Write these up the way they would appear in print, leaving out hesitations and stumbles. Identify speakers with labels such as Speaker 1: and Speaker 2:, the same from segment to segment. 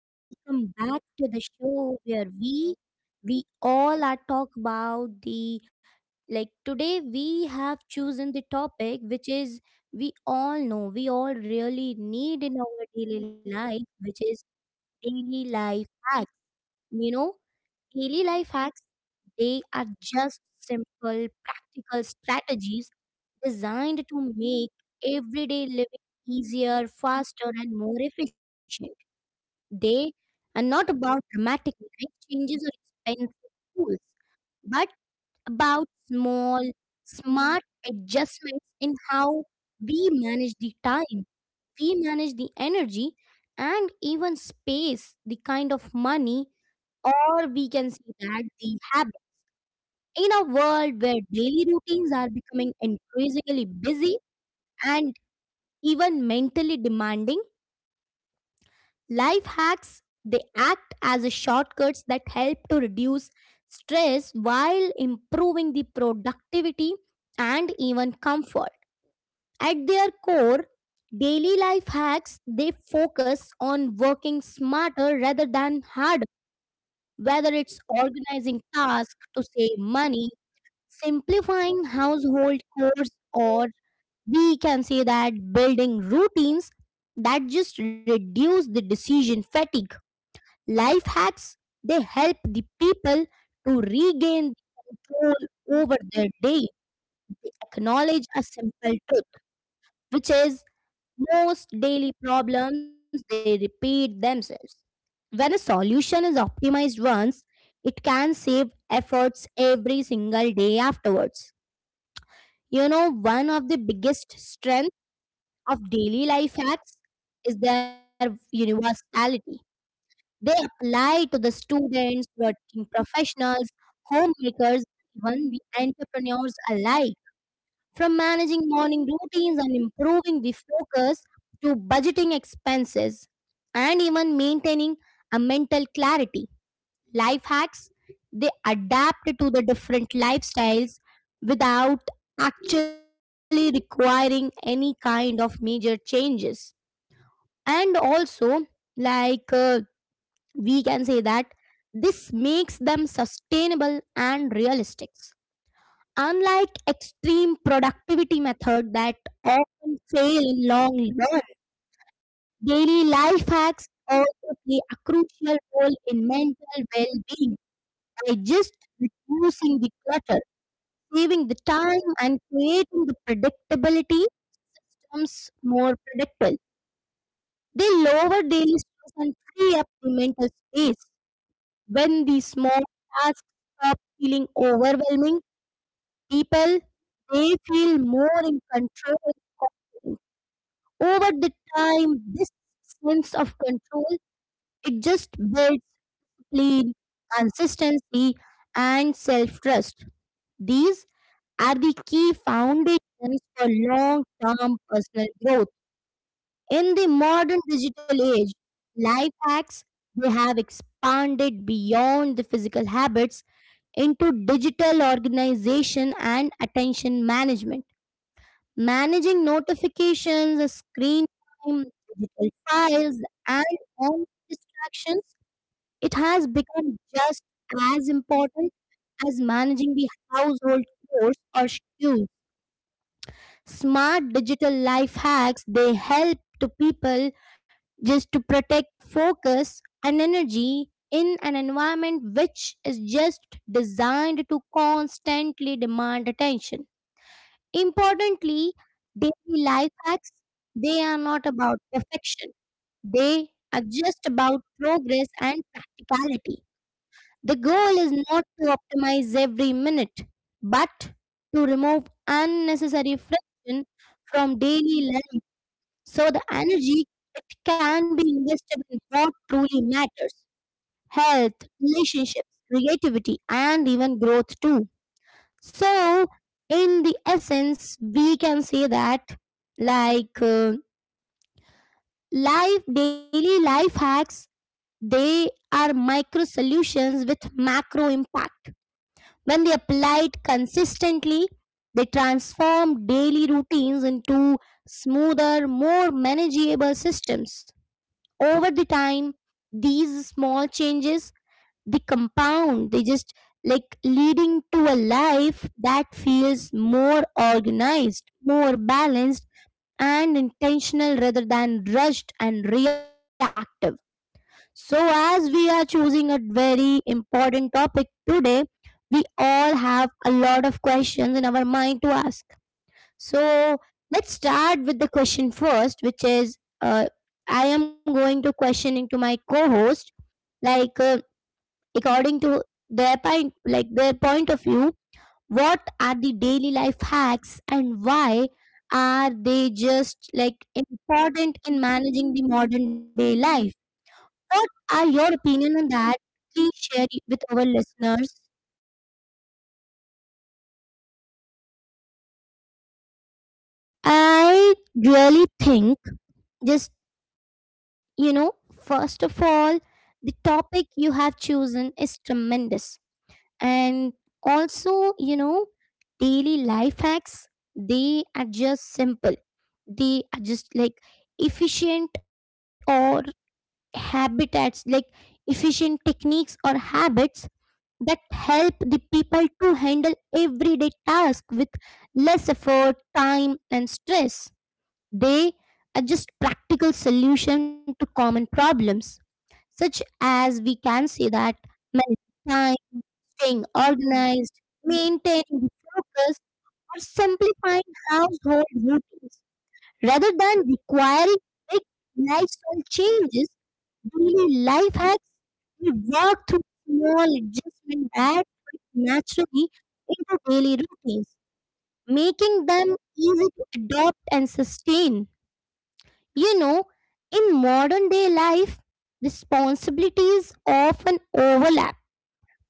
Speaker 1: welcome back to the show where we all are talk about the like today we have chosen the topic which is we all know we all really need in our daily life which is daily life hacks you know daily life hacks, they are just simple practical strategies designed to make everyday living easier, faster and more efficient. They are not about dramatic life changes or expensive tools, but about small, smart adjustments in how we manage the time, we manage the energy, and even space, the kind of money, or we can say that the habit. In a world where daily routines are becoming increasingly busy and even mentally demanding, life hacks they act as a shortcuts that help to reduce stress while improving the productivity and even comfort. At their core, daily life hacks they focus on working smarter rather than harder, whether it's organizing tasks to save money, simplifying household chores, or we can say that building routines that just reduce the decision fatigue. Life hacks, they help the people to regain control over their day. They acknowledge a simple truth, which is most daily problems they repeat themselves. When a solution is optimized once, it can save efforts every single day afterwards. You know, one of the biggest strengths of daily life hacks is their universality. They apply to the students, working professionals, homemakers, even the entrepreneurs alike. From managing morning routines and improving the focus to budgeting expenses and even maintaining a mental clarity. Life hacks, they adapt to the different lifestyles without actually requiring any kind of major changes. And also, like uh, we can say that this makes them sustainable and realistic, unlike extreme productivity method that often fail in long run. Daily life hacks also play a crucial role in mental well-being by just reducing the clutter, saving the time and creating the predictability, becomes more predictable. They lower daily stress and free up the mental space. When these small tasks stop feeling overwhelming, people they feel more in control. Over the time, this sense of control it just builds discipline, consistency, and self-trust. These are the key foundations for long-term personal growth. In the modern digital age, life hacks they have expanded beyond the physical habits into digital organization and attention management. Managing notifications, screen time, digital files, and online distractions, it has become just as important as managing the household chores or schedules. Smart digital life hacks they help to people just to protect focus and energy in an environment which is just designed to constantly demand attention. Importantly, daily life hacks, they are not about perfection. They are just about progress and practicality. The goal is not to optimize every minute, but to remove unnecessary friction from daily life so the energy it can be invested in what truly matters: health, relationships, creativity, and even growth too. So, in the essence, we can say that like uh, life, daily life hacks, they are micro solutions with macro impact. When they applied consistently, they transform daily routines into smoother, more manageable systems. Over the time these small changes they compound, they just like leading to a life that feels more organized, more balanced and intentional rather than rushed and reactive. So as we are choosing a very important topic today, we all have a lot of questions in our mind to ask. So let's start with the question first, which is I am going to questioning to my co-host, like uh, according to their point, like their point of view, what are the daily life hacks and why are they just like important in managing the modern day life? What are your opinion on that? Please share it with our listeners.
Speaker 2: I really think just you know, first of all, the topic you have chosen is tremendous. And also, you know, daily life hacks, they are just simple. They are just like efficient or habitats, like efficient techniques or habits that help the people to handle everyday tasks with less effort, time, and stress. They are just practical solution to common problems, such as we can say that managing time, staying organized, maintaining the focus, or simplifying household routines. Rather than requiring big lifestyle changes, daily life hacks we work through small adjustments that fit naturally into daily routines, making them easy to adopt and sustain. You know, in modern day life, responsibilities often overlap.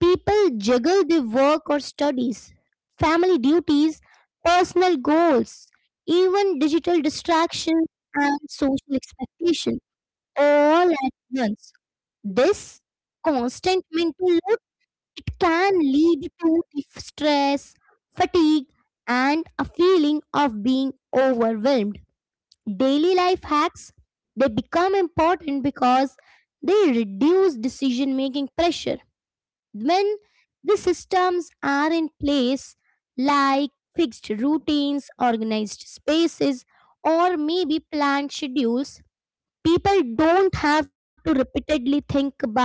Speaker 2: People juggle their work or studies, family duties, personal goals, even digital distractions and social expectations all at once. This constant mental load it can lead to stress, fatigue, and a feeling of being overwhelmed. Daily life hacks they become important because they reduce decision making pressure. When the systems are in place, like fixed routines, organized spaces, or maybe planned schedules, people don't have to repeatedly think about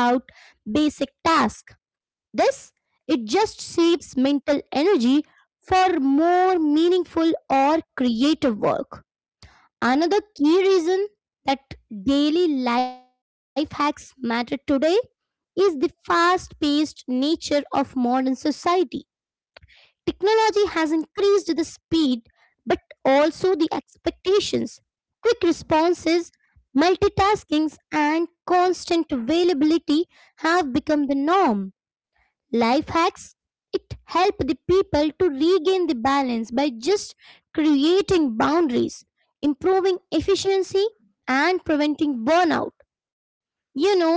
Speaker 2: basic tasks. This it just saves mental energy for more meaningful or creative work. Another key reason that daily life hacks matter today is the fast paced nature of modern society. Technology has increased the speed but also the expectations, quick responses, multitaskings, and constant availability have become the norm. Life hacks it help the people to regain the balance by just creating boundaries, improving efficiency and preventing burnout. You know,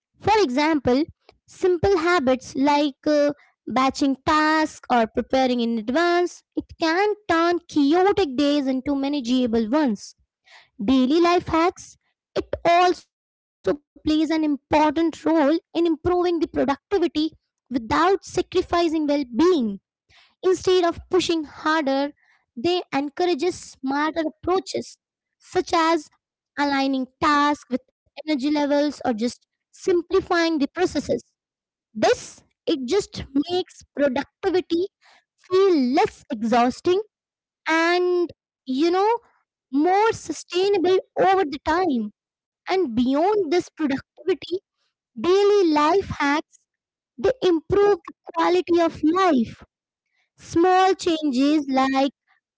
Speaker 2: for example, simple habits like batching tasks or preparing in advance, it can turn chaotic days into manageable ones. Daily life hacks, it also plays an important role in improving the productivity without sacrificing well being. Instead of pushing harder, they encourages smarter approaches such as aligning tasks with energy levels or just simplifying the processes. This it just makes productivity feel less exhausting and you know more sustainable over the time. And beyond this productivity daily life hacks they improve the quality of life. Small changes like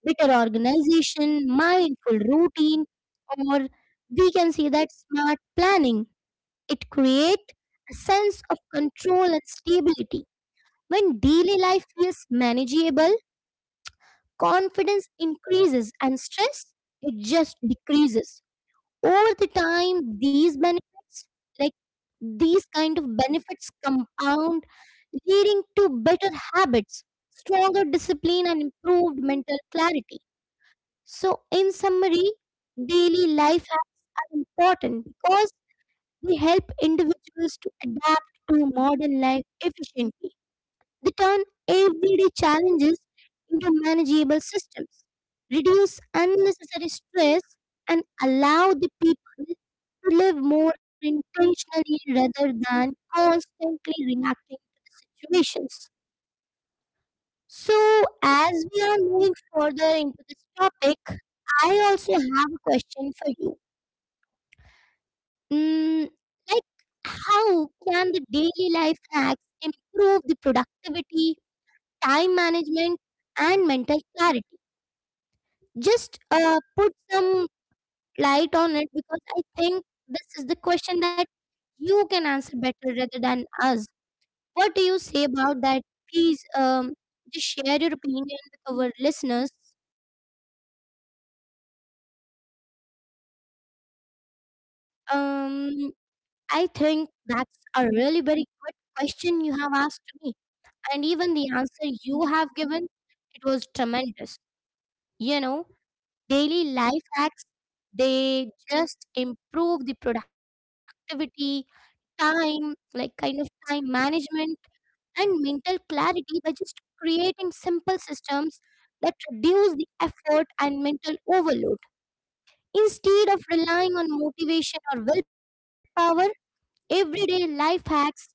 Speaker 2: better organization mindful routine or we can say that smart planning it create a sense of control and stability. When daily life feels manageable confidence increases and stress it just decreases over the time. These benefits like these kind of benefits compound, leading to better habits, stronger discipline and improved mental clarity. So in summary, daily life hacks are important because they help individuals to adapt to modern life efficiently. They turn everyday challenges into manageable systems, reduce unnecessary stress, and allow the people to live more intentionally rather than constantly reacting to the situations. So, as we are moving further into this topic, I also have a question for you. Mm, like, how can the daily life hacks improve the productivity, time management, and mental clarity? Just put some light on it because I think this is the question that you can answer better rather than us. What do you say about that? Please just share your opinion with our listeners.
Speaker 1: Um, I think that's a really very good question you have asked. And even the answer you have given, it was tremendous. You know, daily life hacks, they just improve the productivity, time, like kind of time management, and mental clarity by just creating simple systems that reduce the effort and mental overload. Instead of relying on motivation or willpower, everyday life hacks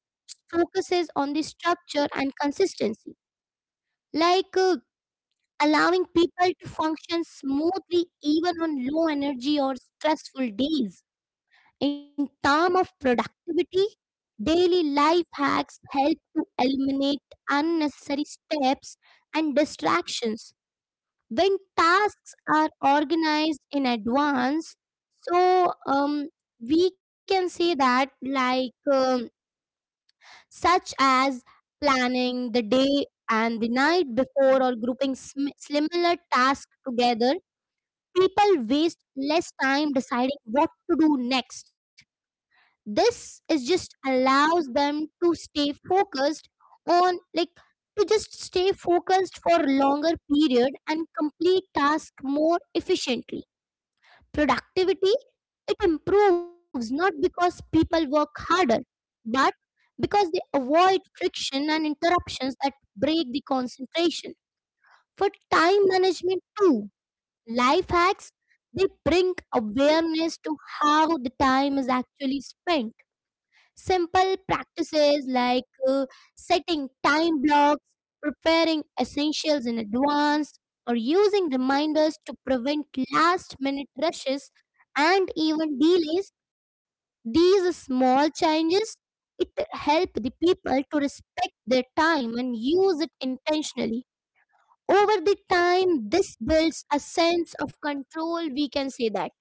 Speaker 1: focuses on the structure and consistency. Like uh, allowing people to function smoothly even on low energy or stressful days. In terms of productivity, daily life hacks help to eliminate unnecessary steps and distractions. When tasks are organized in advance, so um, we can say that such as planning the day and the night before or grouping similar tasks together, people waste less time deciding what to do next. This is just allows them to stay focused on like to just stay focused for longer period and complete task more efficiently. Productivity it improves not because people work harder, but because they avoid friction and interruptions that break the concentration. For time management too, life hacks, they bring awareness to how the time is actually spent. Simple practices like uh, setting time blocks, preparing essentials in advance, or using reminders to prevent last minute rushes and even delays. These small changes it help the people to respect their time and use it intentionally. Over the time this builds a sense of control, we can say that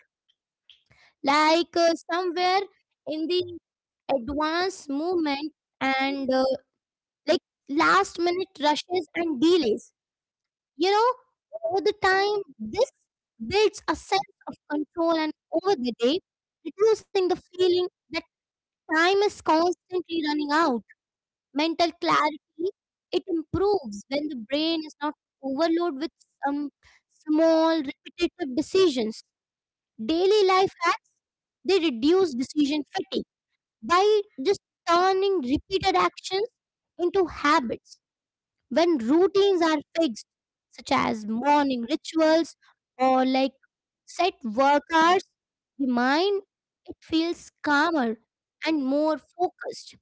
Speaker 1: somewhere in the advanced movement, and like last minute rushes and delays. You know, over the time this builds a sense of control and over the day, reducing the feeling that time is constantly running out. Mental clarity, it improves when the brain is not overloaded with some small repetitive decisions. Daily life hacks, they reduce decision fatigue by just turning repeated actions into habits. When routines are fixed, such as morning rituals or like set work hours, the mind it feels calmer and more focused.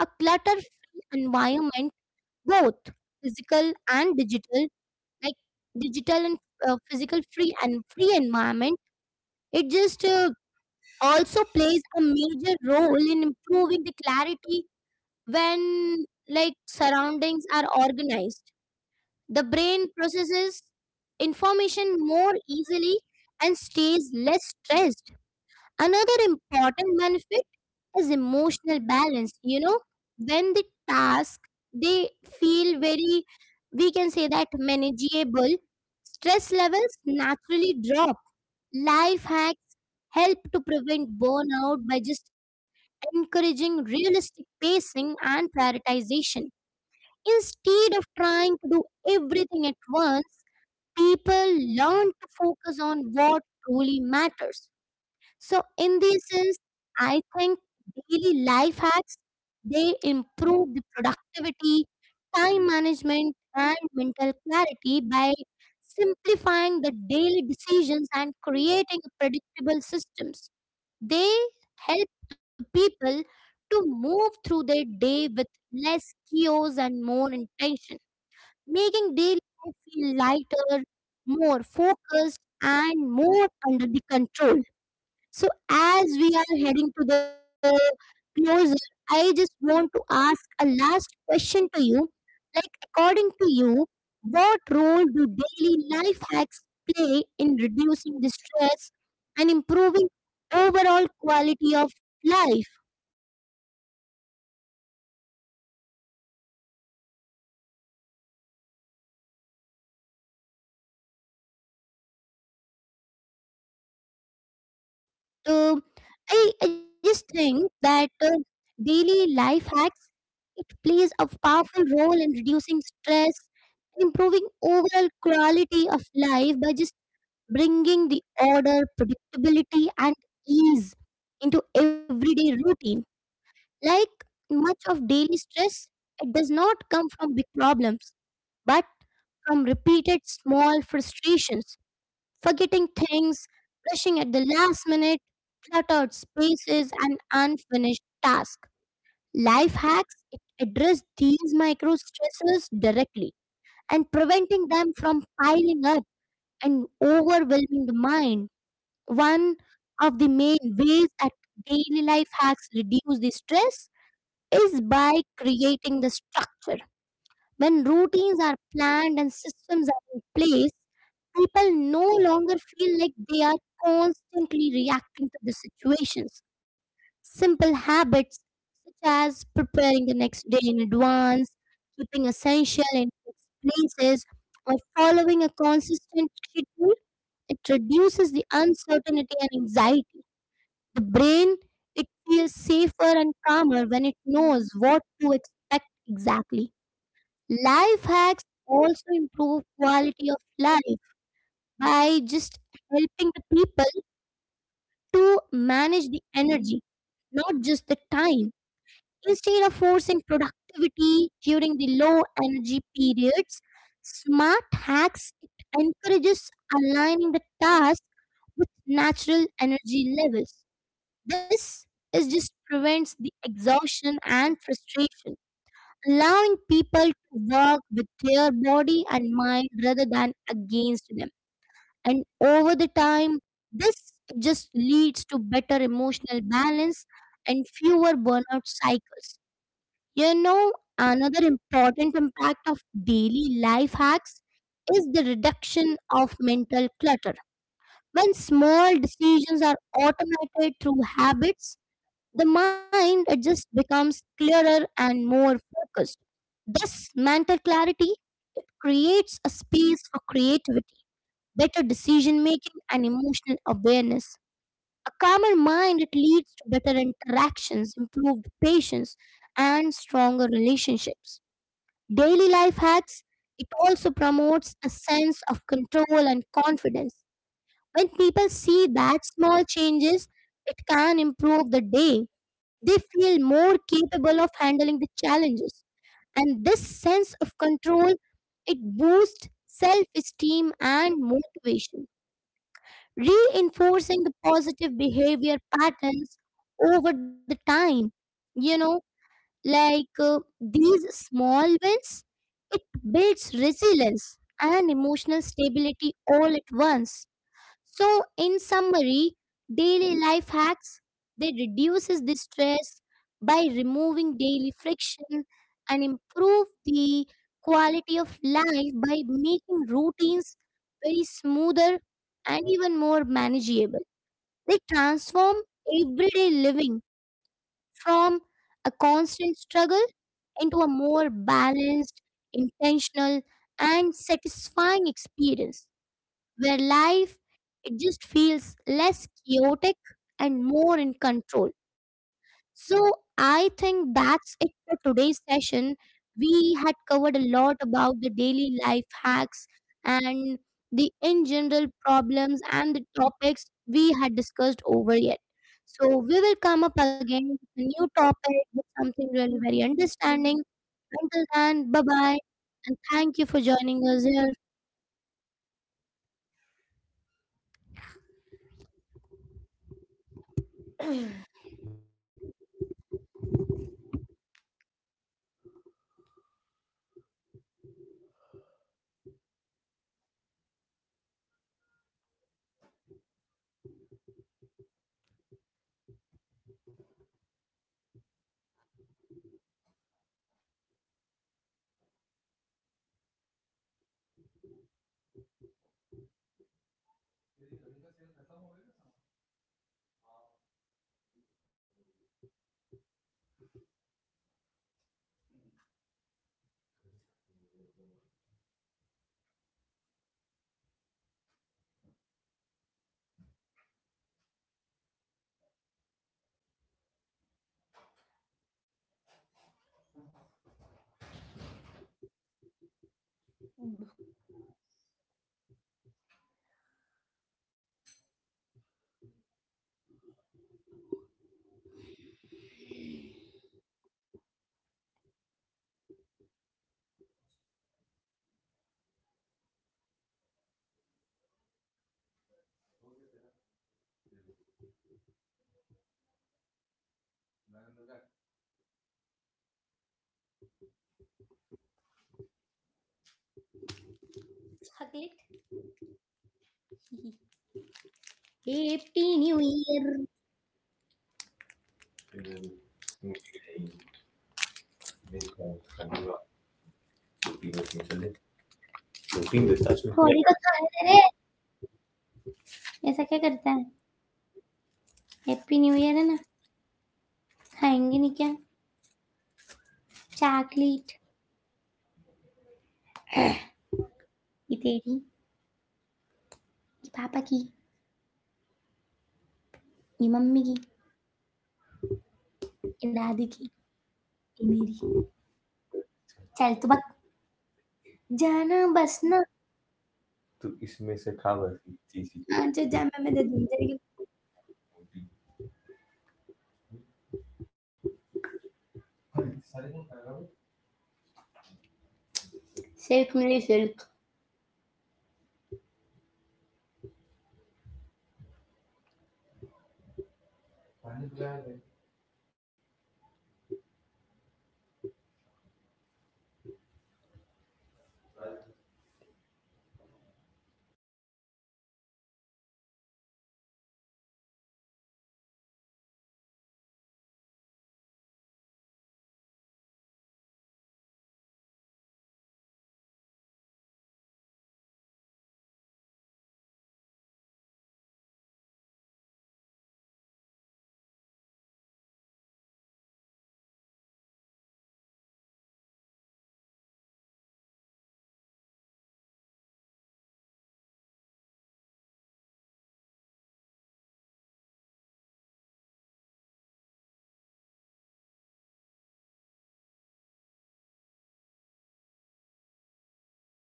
Speaker 1: A clutter free environment, both physical and digital, like digital and physical free and free environment, it just also plays a major role in improving the clarity. When like surroundings are organized, the brain processes information more easily and stays less stressed. Another important benefit is emotional balance. You know, when the task they feel very, we can say that manageable, stress levels naturally drop. Life hacks help to prevent burnout by just encouraging realistic pacing and prioritization. Instead of trying to do everything at once, people learn to focus on what truly matters. So in this sense, I think daily life hacks they improve the productivity, time management, and mental clarity by simplifying the daily decisions and creating predictable systems. They help the people to move through their day with less chaos and more intention, making daily life feel lighter, more focused, and more under the control. So, as we are heading to the closer, I just want to ask a last question to you. Like, according to you, what role do daily life hacks play in reducing the stress and improving overall quality of life?
Speaker 2: Um I just think that daily life hacks it plays a powerful role in reducing stress, improving overall quality of life by just bringing the order, predictability, and ease into everyday routine. Like much of daily stress, it does not come from big problems, but from repeated small frustrations, forgetting things, rushing at the last minute, cluttered spaces, and unfinished tasks. Life hacks it address these micro stressors directly and preventing them from piling up and overwhelming the mind. One of the main ways that daily life hacks reduce the stress is by creating the structure. When routines are planned and systems are in place, people no longer feel like they are constantly reacting to the situations. Simple habits such as preparing the next day in advance, keeping essential in fixed places, or following a consistent schedule, it reduces the uncertainty and anxiety. The brain, it feels safer and calmer when it knows what to expect exactly. Life hacks also improve quality of life by just helping the people to manage the energy, not just the time. Instead of forcing productivity during the low energy periods, smart hacks it encourages aligning the task with natural energy levels. This is just prevents the exhaustion and frustration, allowing people to work with their body and mind rather than against them. And over the time, this just leads to better emotional balance and fewer burnout cycles. You know, another important impact of daily life hacks is the reduction of mental clutter. When small decisions are automated through habits, the mind it just becomes clearer and more focused. This mental clarity it creates a space for creativity, better decision making and emotional awareness. A calmer mind it leads to better interactions, improved patience and stronger relationships. Daily life hacks it also promotes a sense of control and confidence. When people see that small changes, it can improve the day. They feel more capable of handling the challenges. And this sense of control, it boosts self-esteem and motivation, reinforcing the positive behavior patterns over the time. You know, like these small wins, it builds resilience and emotional stability all at once. So, in summary, daily life hacks they reduces the stress by removing daily friction and improve the quality of life by making routines very smoother and even more manageable. They transform everyday living from a constant struggle into a more balanced, intentional, and satisfying experience where life it just feels less chaotic and more in control. So I think that's it for today's session. We had covered a lot about the daily life hacks and the in general problems and the topics we had discussed over yet. So we will come up again with a new topic with something really very understanding. Until then, bye bye and thank you for joining us here. Hug. Happy New Year. थोड़ी तो खा ले रे ऐसा क्या करता है happy new year है ना खाएंगे नहीं क्या चॉकलेट ये तेरी ये पापा की ये मम्मी की ये दादी की ये मेरी चल तो बक जाना बस ना हाँ, जो जा मैं दे दूंगी तेरे को। सिल्क मेरी सिल्क